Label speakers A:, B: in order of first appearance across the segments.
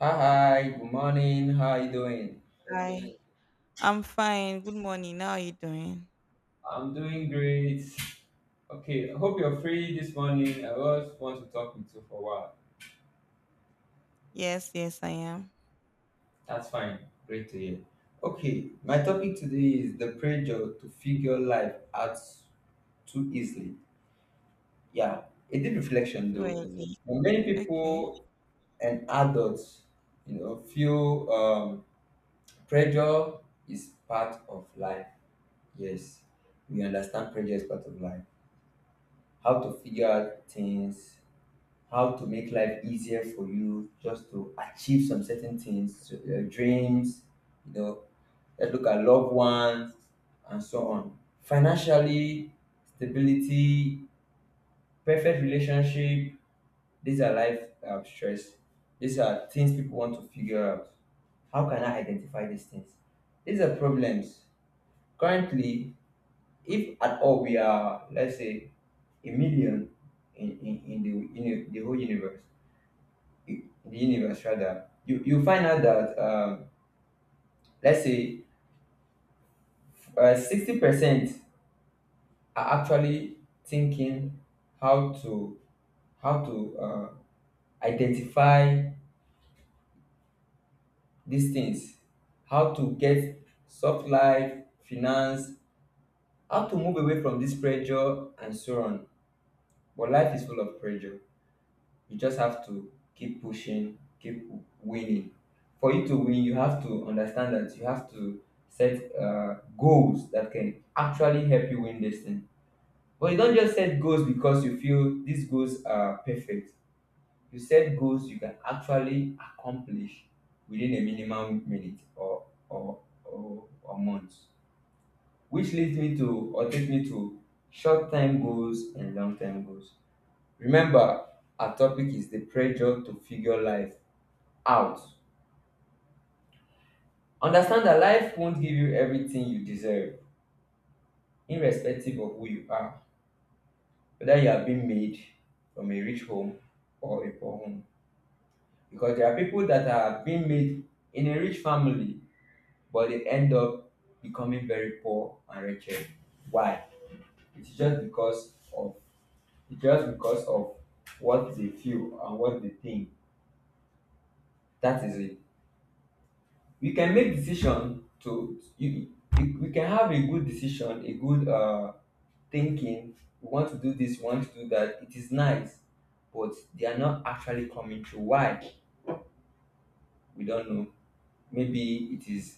A: Hi, hi, good morning. How are you doing?
B: Hi, I'm fine. Good morning. How are you doing?
A: I'm doing great. Okay, I hope you're free this morning. I just want to talk with you for a while.
B: Yes, yes, I am.
A: That's fine. Great to hear. Okay, my topic today is the pressure to figure life out too easily. Yeah, a deep reflection
B: Too
A: though.
B: early.
A: But many
B: Okay.
A: people and adults, feel pressure is part of life. Yes, we understand pressure is part of life. How to figure out things, how to make life easier for you, just to achieve some certain things, so your dreams, you know, let's look at loved ones and so on. Financially, stability, perfect relationship, these are life stress. These are things people want to figure out. How can I identify these things? These are problems. Currently, if at all we are, let's say, a million in the whole universe, in the universe rather, you find out that let's say 60% are actually thinking how to how to uh, identify these things, how to get soft life finance, how to move away from this pressure and so on. But life is full of pressure. You just have to keep pushing, keep winning. For you to win, you have to understand that you have to set goals that can actually help you win this thing. But you don't just set goals because you feel these goals are perfect. You set goals you can actually accomplish within a minimum minute or months, which leads me to, or take me to, short term goals and long term goals. Remember, our topic is the pressure to figure life out. Understand that life won't give you everything you deserve, irrespective of who you are, whether you have been made from a rich home or a poor home. Because there are people that are being made in a rich family, but they end up becoming very poor and wretched. Why? It's just because of it's just because of what they feel and what they think. That is it. We can make decision to you, we can have a good decision, a good thinking. We want to do this, we want to do that, it is nice, but they are not actually coming through. Why? We don't know. Maybe it is,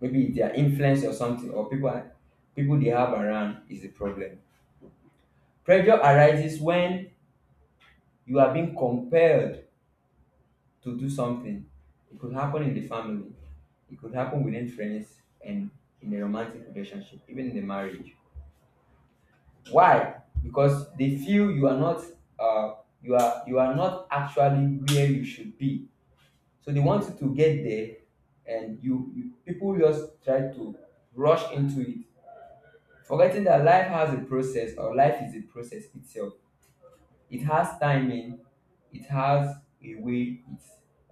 A: maybe their influence or something, or people they have around is the problem. Pressure arises when you are being compelled to do something. It could happen in the family, it could happen within friends and in a romantic relationship, even in the marriage. Why? Because they feel you are not uh, you are not actually where you should be. So they want you to get there, and you people just try to rush into it, forgetting that life has a process, or life is a process itself. It has timing, it has a way it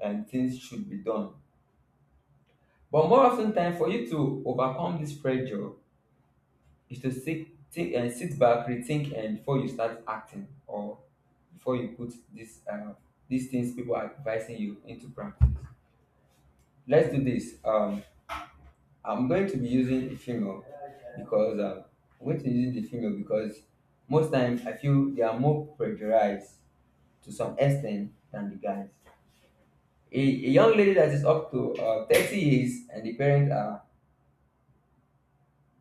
A: and things should be done. But more often time, for you to overcome this pressure is to sit, think and sit back, rethink, and before you start acting or before you put this these things people are advising you into practice. Let's do this. I'm going to be using a female because I'm going to be using the female because most times I feel they are more pressurized to some extent than the guys. A young lady that is up to 30 years, and the parents are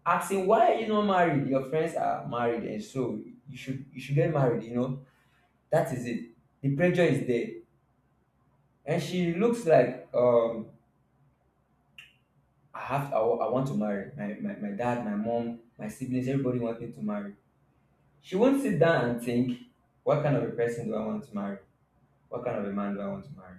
A: asking, why are you not married? Your friends are married and so you should get married. You know that is it. The pressure is there, and she looks like, I have I want to marry. My dad, my mom, my siblings, everybody wants me to marry. She won't sit down and think, what kind of a person do I want to marry? What kind of a man do I want to marry?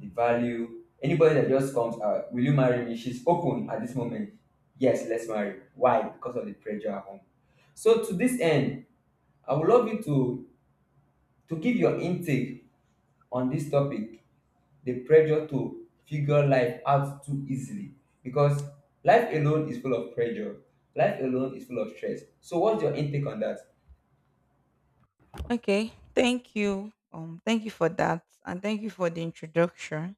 A: The value. Anybody that just comes out, "Will you marry me?" She's open at this moment. Yes, let's marry. Why? Because of the pressure at home. So to this end, I would love you to give your intake on this topic, the pressure to figure life out too easily, because life alone is full of pressure. Life alone is full of stress. So, what's your intake on that?
B: Okay. Thank you. Thank you for that, and thank you for the introduction.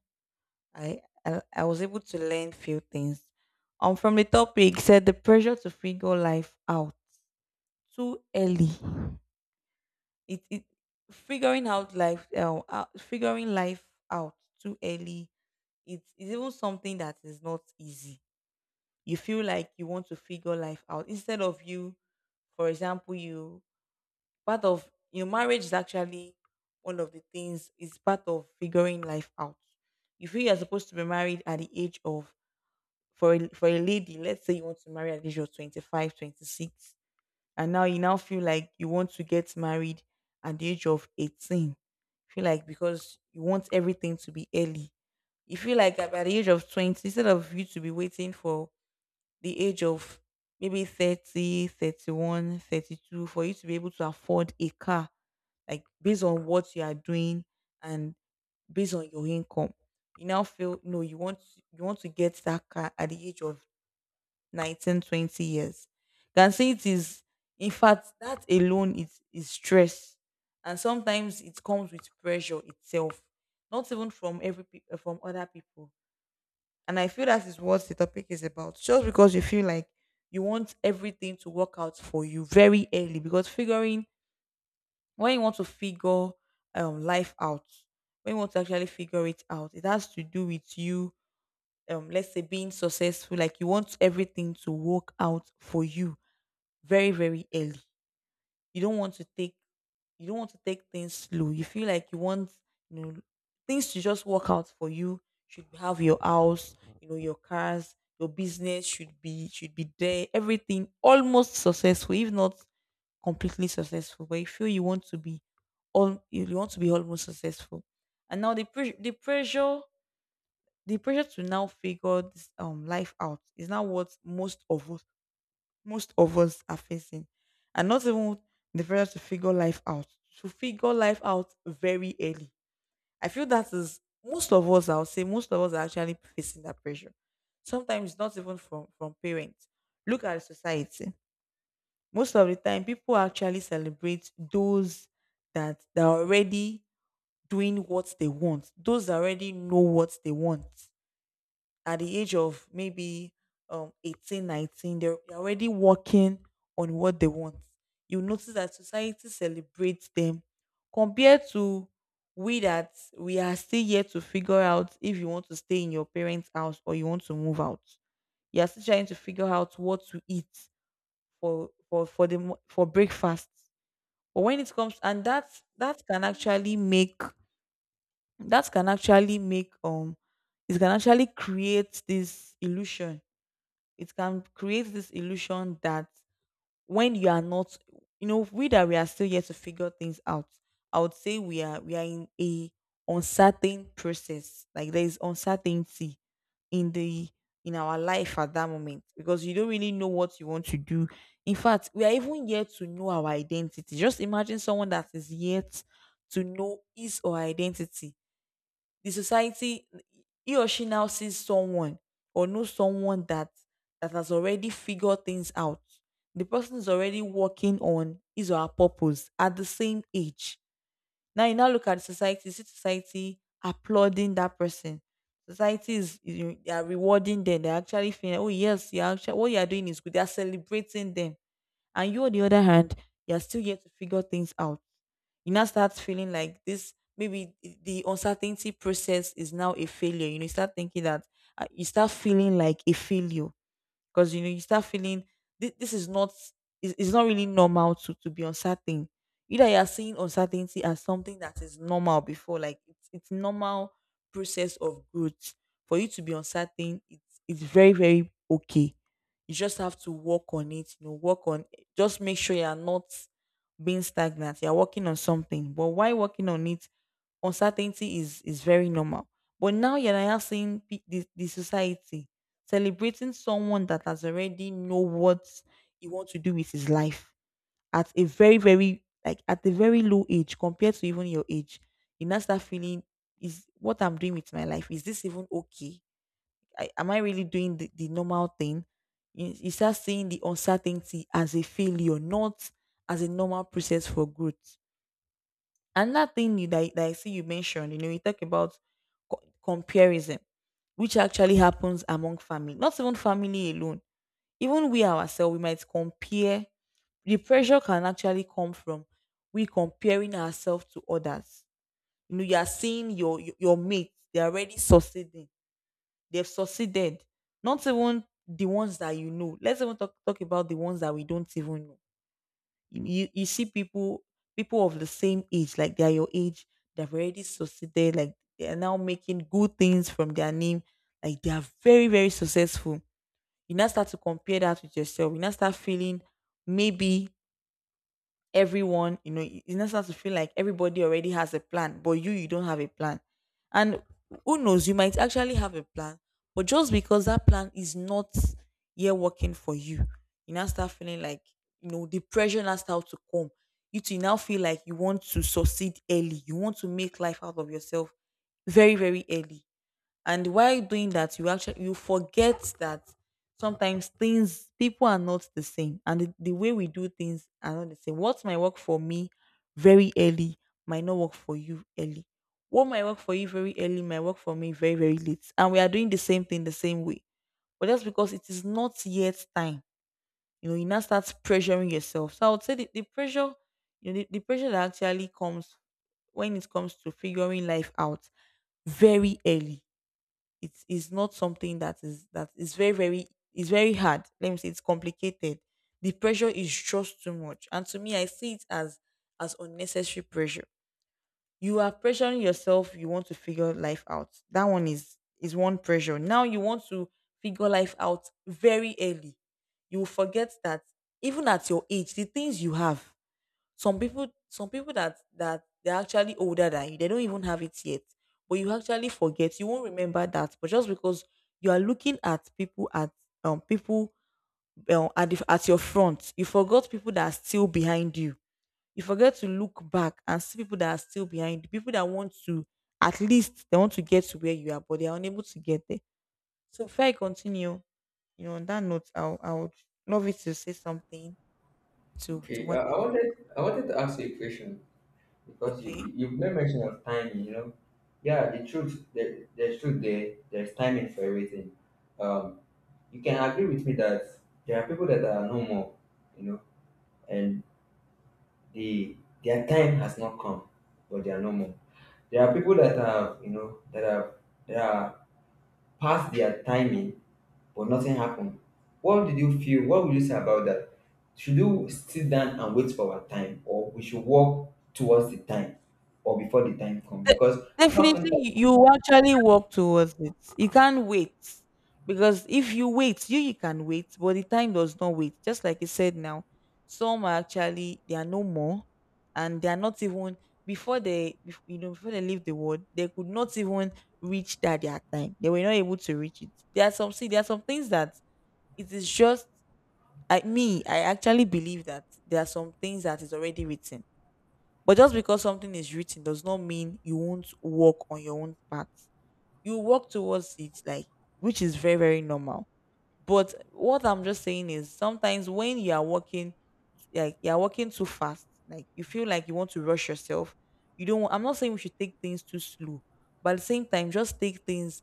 B: I was able to learn few things. From the topic said, the pressure to figure life out too early. It figuring out life figuring life out too early. It is even something that is not easy. You feel like you want to figure life out, instead of you, for example, you, part of your marriage is actually one of the things, is part of figuring life out. You feel you're supposed to be married at the age of, for a lady, let's say you want to marry at the age of 25, 26, and now you now feel like you want to get married at the age of 18. Feel like because you want everything to be early. You feel like at by the age of 20, instead of you to be waiting for the age of maybe 30, 31, 32 for you to be able to afford a car, like based on what you are doing and based on your income. You now feel no, you want to get that car at the age of 19, 20 years. Can say it is, in fact that alone is stress. And sometimes it comes with pressure itself, not even from from other people, and I feel that is what the topic is about. Just because you feel like you want everything to work out for you very early, because figuring when you want to figure life out, when you want to actually figure it out, it has to do with you. Let's say being successful, like you want everything to work out for you very very early. You don't want to take you don't want to take things slow. You feel like you want, you know, things to just work out for you. Should have your house, your cars, your business should be there. Everything almost successful, if not completely successful. But you feel you want to be all, you want to be almost successful. And now the pressure to now figure this life out is now what most of us are facing. And not even the pressure to figure life out, to figure life out very early. I feel that is most of us, I would say, most of us are actually facing that pressure. Sometimes not even from parents. Look at society. Most of the time, people actually celebrate those that are already doing what they want, those that already know what they want at the age of maybe 18, 19, they're already working on what they want. You notice that society celebrates them compared to we that we are still yet to figure out if you want to stay in your parents house or you want to move out. You are still trying to figure out what to eat for breakfast. But when it comes, and that, that can actually make that can actually make it can actually create this illusion, that when you are not, you know, we that we are still yet to figure things out, I would say we are in a uncertain process. Like there is uncertainty in the, in our life at that moment, because you don't really know what you want to do. In fact, we are even yet to know our identity. Just imagine someone that is yet to know his or her identity. The society, he or she now sees someone or knows someone that that has already figured things out, the person is already working on his or her purpose at the same age. Now you now look at society, see society applauding that person. Society is, you, they are rewarding them, they're actually feeling, oh yes, you're actually, what you are doing is good, they are celebrating them. And you on the other hand, you're still yet to figure things out. You now start feeling like this, maybe the uncertainty process is now a failure. You know, you start thinking that, you start feeling like a failure, because you know, you start feeling this is not, is, it's not really normal to be uncertain. Either you are seeing uncertainty as something that is normal before, like it's normal process of growth for you to be uncertain, it's very very okay. You just have to work on it, you know, work on, just make sure you are not being stagnant. You're working on something. But while working on it, uncertainty is very normal. But now you're now seeing the society celebrating someone that has already know what he wants to do with his life at a very, very, like at a very low age compared to even your age. You now start feeling, is what I'm doing with my life, is this even okay? Am I really doing the normal thing? You start seeing the uncertainty as a failure, not as a normal process for growth. Another thing that I see you mentioned, you know, you talk about comparison, which actually happens among family, not even family alone. Even we ourselves, we might compare. The pressure can actually come from we comparing ourselves to others. You know, you are seeing your mates, they are already succeeding, they've succeeded. Not even the ones that you know. Let's even talk about the ones that we don't even know. You see people of the same age, like they are your age, they've already succeeded, like they are now making good things from their name. Like they are very, very successful. You now start to compare that with yourself. You now start feeling, maybe, everyone, you know it's necessary to feel like everybody already has a plan, but you don't have a plan. And who knows, you might actually have a plan, but just because that plan is not yet working for you, you now start feeling like, you know, the pressure now start to come, you to now feel like you want to succeed early, you want to make life out of yourself very very early. And while doing that, you actually, you forget that sometimes things, people are not the same, and the way we do things are not the same. What might work for me very early might not work for you early. What might work for you very early might work for me very very late, and we are doing the same thing the same way. But that's because it is not yet time. You know, you now start pressuring yourself. So I would say you know, the pressure that actually comes when it comes to figuring life out very early, it is not something that is very very, it's very hard. Let me say it's complicated. The pressure is just too much, and to me, I see it as unnecessary pressure. You are pressuring yourself. You want to figure life out. That one is one pressure. Now you want to figure life out very early. You will forget that even at your age, the things you have, some people that they're actually older than you, they don't even have it yet. But you actually forget, you won't remember that, but just because you are looking at people at um people your front, you forgot people that are still behind you. You forget to look back and see people that are still behind you, people that want to, at least they want to get to where you are, but they are unable to get there. So before I continue, you know, on that note, I would love you to say something to
A: Okay,
B: what I said.
A: I wanted to ask you a question because
B: Okay.
A: you've made mention of timing. You know, yeah, the truth, there's truth there. There's timing for everything. Um, you can agree with me that there are people that are normal, you know, and the their time has not come, but they are normal. There are people that have, you know, that have, that are past their timing, but nothing happened. What did you feel? What would you say about that? Should you sit down and wait for our time, or we should walk towards the time, or before the time comes?
B: De-
A: Because often,
B: definitely you will actually work towards it, you can't wait. Because if you wait, you can wait, but the time does not wait. Just like you said, now, some are actually, they are no more, and they are not even, before they before they leave the world, they could not even reach that, their time, they were not able to reach it. There are some, see, there are some things that it is just, I actually believe that there are some things that is already written, but just because something is written does not mean you won't work on your own part. You work towards it, like, which is very, very normal. But what I'm just saying is sometimes when you are working, like you're working too fast, like you feel like you want to rush yourself. You don't want, I'm not saying we should take things too slow, but at the same time just take things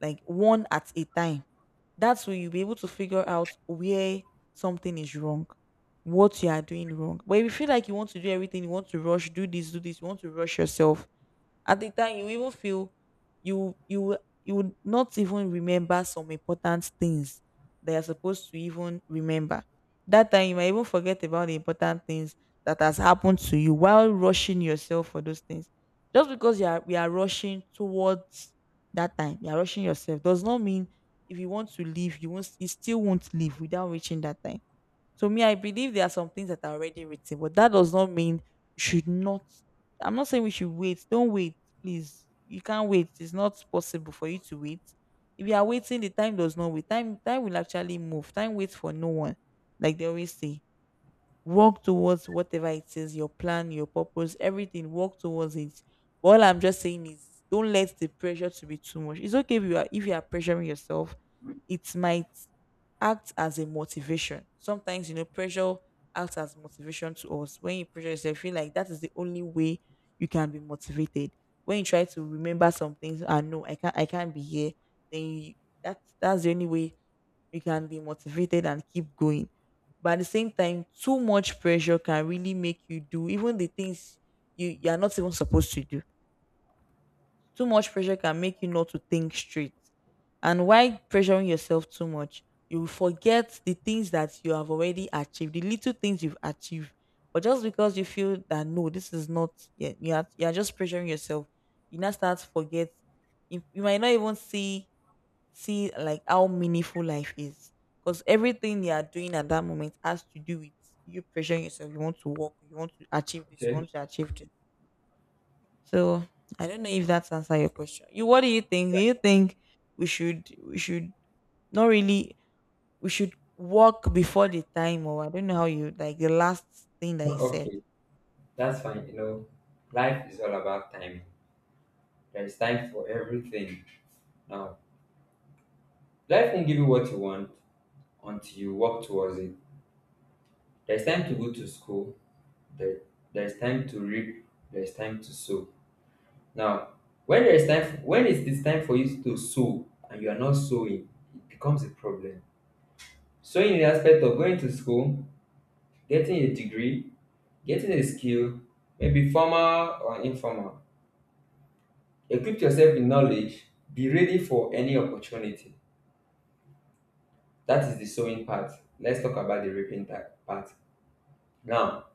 B: like one at a time. That's when you'll be able to figure out where something is wrong, what you are doing wrong. But if you feel like you want to do everything, you want to rush, do this, do this, you want to rush yourself, at the time, you even feel you would not even remember some important things that you're supposed to even remember. That time, you might even forget about the important things that has happened to you while rushing yourself for those things. Just because you are we are rushing towards, that time, you are rushing yourself, does not mean if you want to leave, you still won't leave without reaching that time. So me, I believe there are some things that are already written, but that does not mean you should not. I'm not saying we should wait. Don't wait, please. You can't wait. It's not possible for you to wait. If you are waiting, the time does not wait. Time will actually move. Time waits for no one, like they always say. Work towards whatever it is, your plan, your purpose, everything. Work towards it. But all I'm just saying is don't let the pressure to be too much. It's okay if you are pressuring yourself, it might act as a motivation. Sometimes, pressure acts as motivation to us. When you pressure yourself, you feel like that is the only way you can be motivated. When you try to remember some things, I know I can't be here, then you, that's the only way you can be motivated and keep going. But at the same time, too much pressure can really make you do even the things you are not even supposed to do. Too much pressure can make you not to think straight. And why pressuring yourself too much, you will forget the things that you have already achieved, the little things you've achieved. But just because you feel that no, this is not, you are just pressuring yourself, you now start to forget. You might not even see like how meaningful life is, because everything you are doing at that moment has to do with you pressuring yourself. You want to work, you want to achieve this, you
A: okay,
B: want to achieve this. So I don't know if that's answer your question. You, what do you think? Do you think we should not really, we should walk before the time, or I don't know how you like the last thing that he said.
A: okay, that's fine. You know, life is all about timing. There is time for everything. Now, life won't give you what you want until you walk towards it. There is time to go to school. There, there is time to reap. There is time to sow. Now, when there is time, when it is time for you to sow and you are not sowing, it becomes a problem. Sowing in the aspect of going to school, getting a degree, getting a skill, maybe formal or informal. Equip yourself with knowledge. Be ready for any opportunity. That is the sowing part. Let's talk about the part. Now,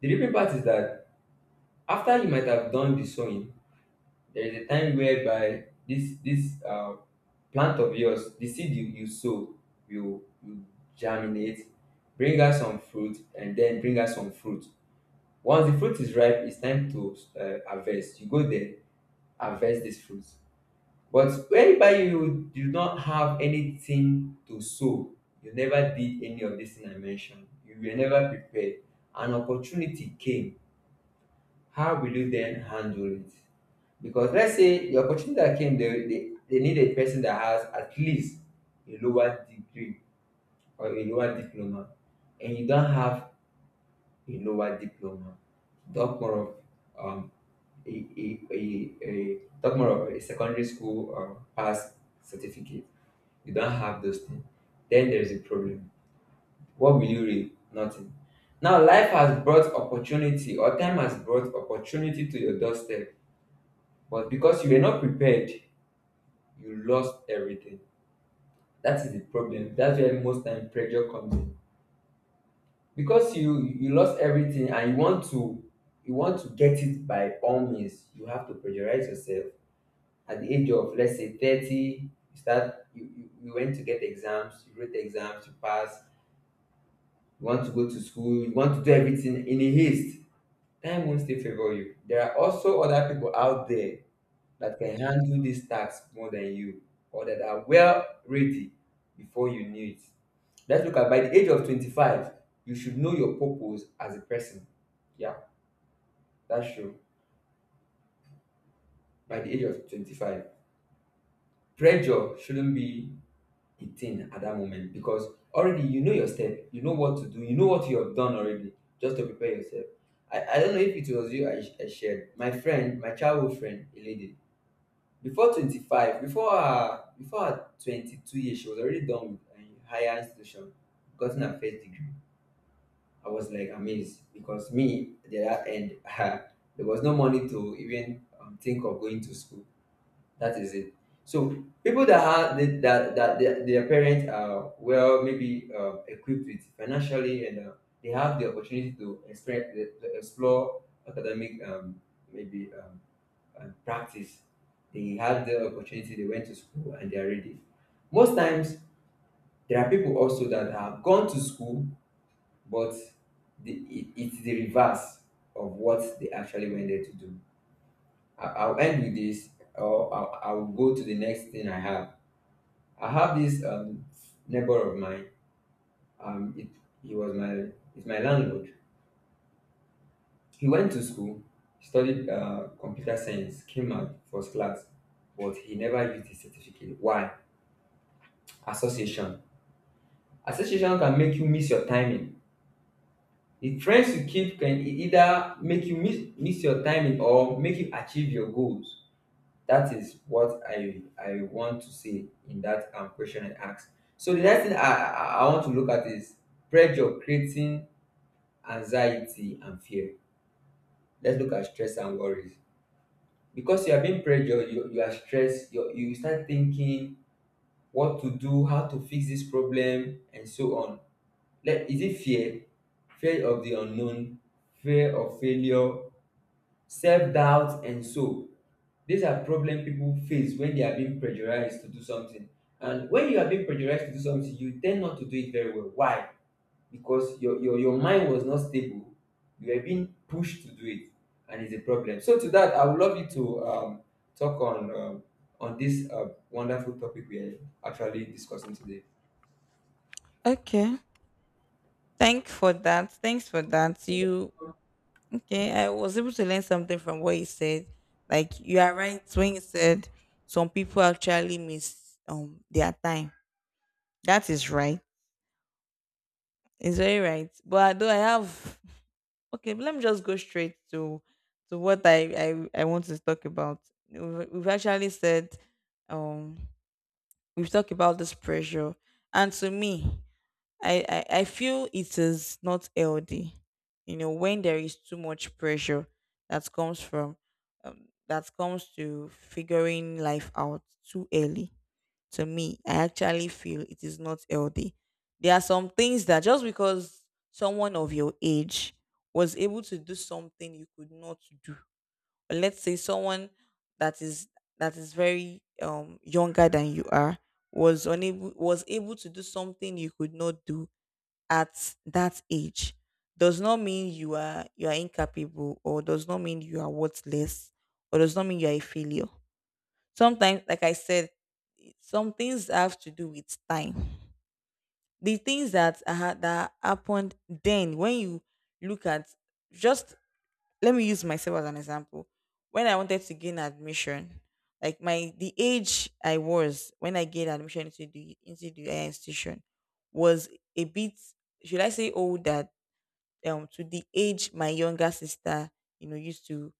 A: the reaping part is that after you might have done the sowing, there is a time whereby this plant of yours, the seed you sow will germinate, bring us some fruit once the fruit is ripe, it's time to harvest. You go there, harvest this fruit. But whereby you do not have anything to sow, you never did any of this thing I mentioned, you were never prepared, an opportunity came. How will you then handle it? Because let's say the opportunity that came, they need a person that has at least a lower degree or a lower diploma, and you don't have a lower diploma. Talk more of a talk more of a secondary school pass certificate. You don't have those things. Then there is a problem. What will you read? Nothing. Now, life has brought opportunity, or time has brought opportunity to your doorstep. But because you were not prepared, you lost everything. That is the problem. That's where most time pressure comes in. Because you lost everything and you want to get it by all means, you have to pressurize yourself. At the age of, let's say, 30, you went to get exams, you wrote exams, you pass, you want to go to school, you want to do everything in a haste. Time won't still favor you. There are also other people out there that can handle this task more than you, or that are well ready before you knew it. Let's look at, by the age of 25, you should know your purpose as a person. Yeah, that's true. By the age of 25, pressure shouldn't be a thing at that moment because already you know your step, you know what to do, you know what you have done already just to prepare yourself. I don't know if it was you I shared. My friend, my childhood friend, a lady, before 25, before her 22 years, she was already done with higher institution, gotten her first degree. I was like amazed because me, at the other end, there was no money to even think of going to school. That is it. So people that have that their parents are well maybe equipped with financially, and they have the opportunity to expect to explore academic maybe practice. They had the opportunity, they went to school and they are ready. Most times, there are people also that have gone to school, but it's the reverse of what they actually went there to do. I'll end with this, or I'll go to the next thing I have. I have this neighbor of mine. Um, it, he was my, he's my landlord. He went to school, studied computer science, came out first class, but he never used his certificate. Why? Association. Association can make you miss your timing. The friends you keep can either make you miss your timing or make you achieve your goals. That is what I want to say in that question I asked. So the next thing I want to look at is pressure creating anxiety and fear. Let's look at stress and worries. Because you are being pressured, you are stressed, you start thinking what to do, how to fix this problem, and so on. Like, is it fear? Fear of the unknown, fear of failure, self doubt, and so. These are problems people face when they are being pressurized to do something. And when you are being pressurized to do something, you tend not to do it very well. Why? Because your mind was not stable. You were being pushed to do it, and it's a problem. So, to that, I would love you to talk on on this wonderful topic we are actually discussing today.
B: Okay, thank for that, thanks for that, you. Okay, I was able to learn something from what you said. Like, you are right when you said some people actually miss their time. That is right. It's very right. But though I have, okay, but let me just go straight to what I I want to talk about. We've actually said, um, we've talked about this pressure, and to me, I feel it is not healthy. You know, when there is too much pressure that comes from, that comes to figuring life out too early, to me, I actually feel it is not healthy. There are some things that, just because someone of your age was able to do something you could not do, or let's say someone that is that is very younger than you are, was able to do something you could not do at that age, does not mean you are incapable, or does not mean you are worthless, or does not mean you are a failure. Sometimes, like I said, some things have to do with time. The things that that happened, then when you look at, just, let me use myself as an example. When I wanted to gain admission, like my the age I was when I gained admission into the higher institution was a bit, should I say, old, that to the age my younger sister, you know, used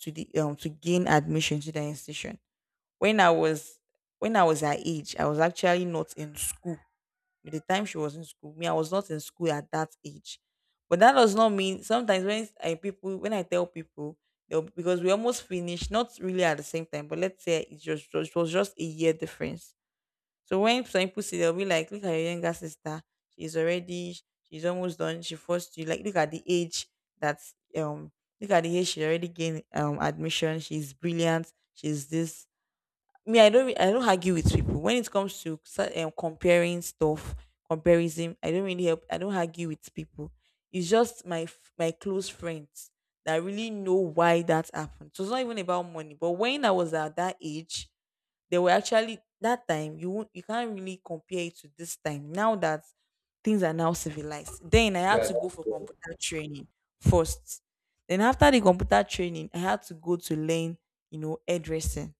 B: to the to gain admission to the institution. when I was when I was her age, I was actually not in school. By the time she was in school, me, I was not in school at that age. But that does not mean, sometimes when I tell people, because we almost finished, not really at the same time, but let's say it just, it was just a year difference. So when some people see, they'll be like, "Look at your younger sister. She's already she's almost done. She forced you. Like, look at the age that um look at the age she already gained admission. She's brilliant. She's this." Me, I don't re- I don't argue with people when it comes to comparing stuff, comparison. I don't really help, I don't argue with people. It's just my close friends that really know why that happened. So it's not even about money, but when I was at that age, they were actually, that time, you won't, you can't really compare it to this time now that things are now civilized. Then I had
A: Yeah,
B: to go
A: that's
B: for
A: good.
B: computer training first. Then after the computer training, I had to go to learn, you know, hairdressing.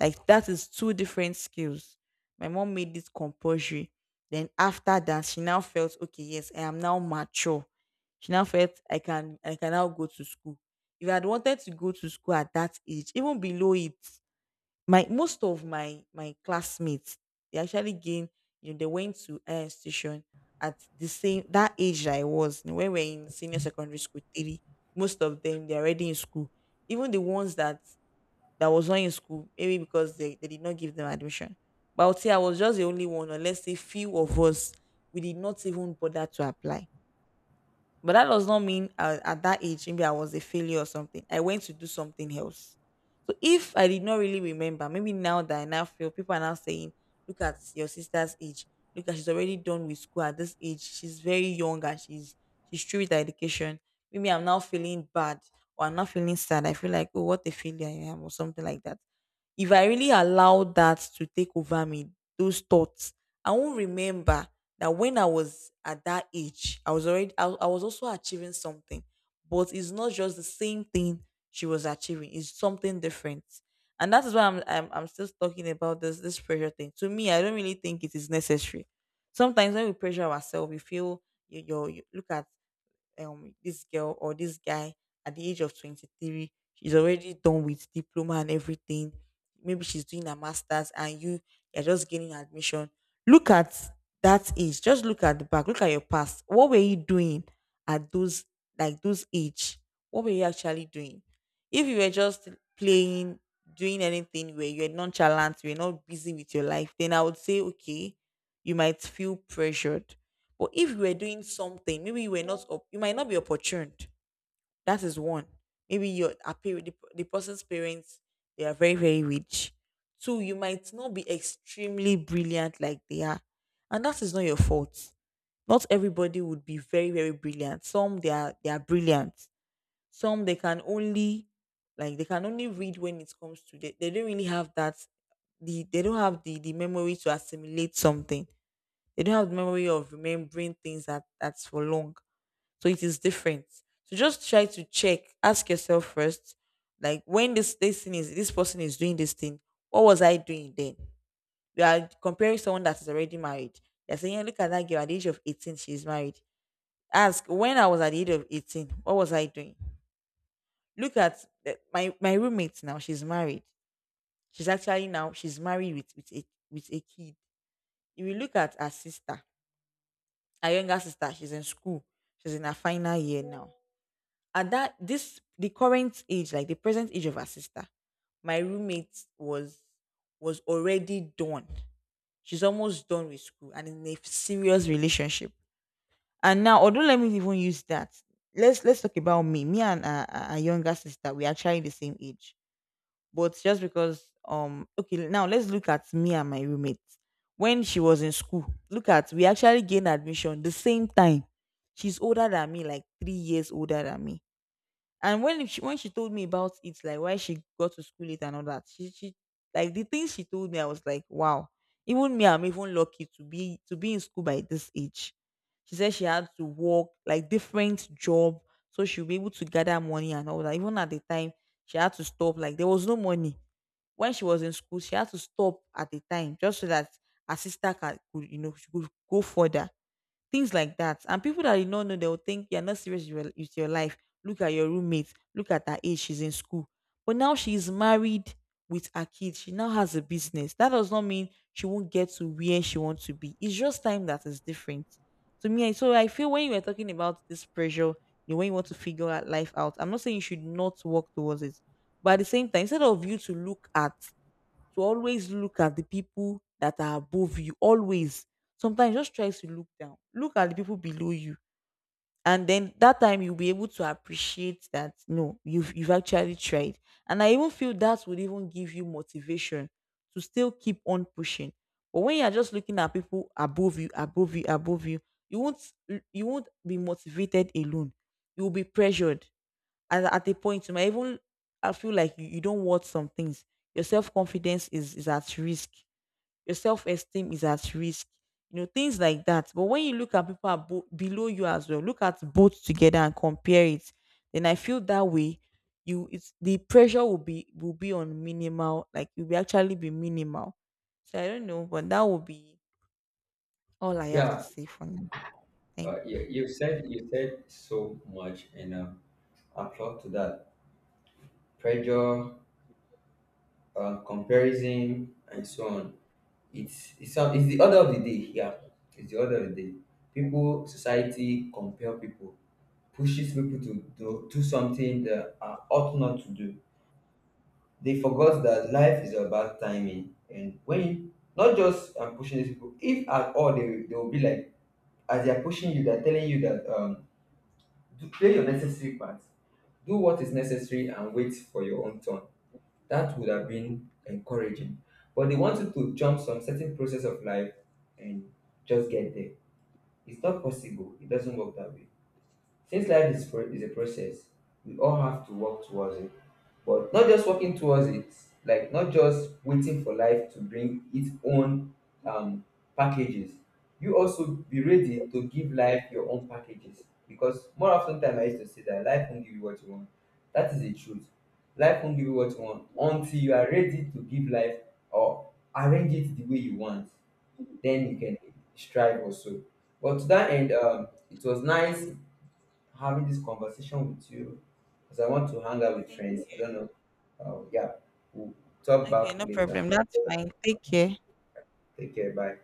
B: Like, that is two different skills. My mom made it compulsory. Then after that, she now felt, okay, yes, I am now mature. She now felt I can now go to school. If I had wanted to go to school at that age, even below it, my most of my classmates, they actually gained, you know, they went to an institution at the same that age that I was when we were in senior secondary school three. Most of them, they're already in school. Even the ones that was not in school, maybe because they did not give them admission. But I would say I was just the only one, or let's say few of us, we did not even bother to apply. But that does not mean at that age, maybe I was a failure or something. I went to do something else. So if I did not really remember, maybe now that I now feel people are now saying, look at your sister's age. Look at, she's already done with school at this age. She's very young and she's through with her education. Maybe I'm now feeling bad, or I'm not feeling sad. I feel like, oh, what a failure I am, or something like that. If I really allow that to take over me, those thoughts, I won't remember that when I was at that age, I was already I was also achieving something, but it's not just the same thing she was achieving. It's something different. And that is why I'm still talking about this pressure thing. To me, I don't really think it is necessary. Sometimes when we pressure ourselves, we feel you look at this girl or this guy at the age of 23, she's already done with diploma and everything, maybe she's doing a masters, and you, you're just gaining admission. Look at that age, just look at the back, look at your past, what were you doing at those, like those age, what were you actually doing? If you were just playing, doing anything, where you're nonchalant, you're not busy with your life, then I would say, okay, you might feel pressured. But if you were doing something, maybe you were not, op- you might not be opportune. That is one. Maybe the person's parents, they are very very rich. Two, you might not be extremely brilliant like they are, and that is not your fault. Not everybody would be very very brilliant. Some, they are, they are brilliant. Some, they can only, like they can only read, when it comes to, they don't really have that, they don't have the memory to assimilate something. They don't have the memory of remembering things that, that's for long. So it is different. So just try to check, ask yourself first, like, when this thing is, this person is doing this thing, what was I doing then? We are comparing someone that is already married. They're saying, "Yeah, look at that girl at the age of 18, she's married." Ask, when I was at the age of 18, what was I doing? Look at the- my roommate now, she's married. She's actually, now she's married with with a kid. If you look at her sister, her younger sister, she's in school. She's in her final year now. At that, this, the current age, like the present age of her sister, my roommate was already done. She's almost done with school and in a serious relationship. And now, although let me even use that, let's talk about me. Me and our younger sister, we are actually the same age, but just because okay, now let's look at me and my roommate. When she was in school, look at, we actually gained admission the same time. She's older than me, like 3 years older than me. And when she told me about it, like why she got to school late and all that, she, like, the things she told me, I was like, wow. Even me, I'm even lucky to be in school by this age. She said she had to work like different job so she'll be able to gather money and all that. Even at the time, she had to stop. Like, there was no money. When she was in school, she had to stop at a time, just so that her sister could, you know, she could go further. Things like that. And people that you don't know, they'll think you're not serious with your life. Look at your roommate, look at her age, she's in school. But now she is married with her kids. She now has a business. That does not mean she won't get to where she wants to be. It's just time that is different. To me, I- so I feel when you were talking about this pressure, you know, when you want to figure out life out, I'm not saying you should not work towards it. But at the same time, instead of you to look at, to always look at the people that are above you, always. Sometimes just try to look down, look at the people below you. And then that time you'll be able to appreciate that, no, you've actually tried. And I even feel that would even give you motivation to still keep on pushing. But when you're just looking at people above you, above you, above you, you won't you won't be motivated alone. You will be pressured. At a point, you might even, I feel like you don't want some things. Your self confidence is at risk. Your self esteem is at risk. You know, things like that. But when you look at people below you as well, look at both together and compare it. Then I feel that way. You, it's the pressure will be on minimal. Like, it will actually be minimal. So I don't know, but that will be all I have to
A: Yeah.
B: say for now. Thank you.
A: You said so much, and applaud to that pressure, comparison, and so on. It's the order of the day. Yeah, it's the order of the day. People, society, compare people, pushes people to do something that are ought not to do. They forgot that life is about timing, and when not just pushing these people, if at all they, they will be like, as they are pushing you, they are telling you that, do, play your necessary part. Do what is necessary and wait for your own turn. That would have been encouraging. But they wanted to jump some certain process of life and just get there. It's not possible. It doesn't work that way. Since life is a process, we all have to work towards it. But not just working towards it, like not just waiting for life to bring its own um, packages. You also be ready to give life your own packages. Because more often time I used to say that life won't give you what you want. That is the truth. Life won't give you what you want until you are ready to give life, or arrange it the way you want. Then you can strive also. But to that end, it was nice having this conversation with you because I want to hang out with
B: Same here.
A: friends. I don't know. Yeah, we'll talk
B: Okay,
A: back
B: no
A: later.
B: problem. That's fine. Take care.
A: Take care. Bye.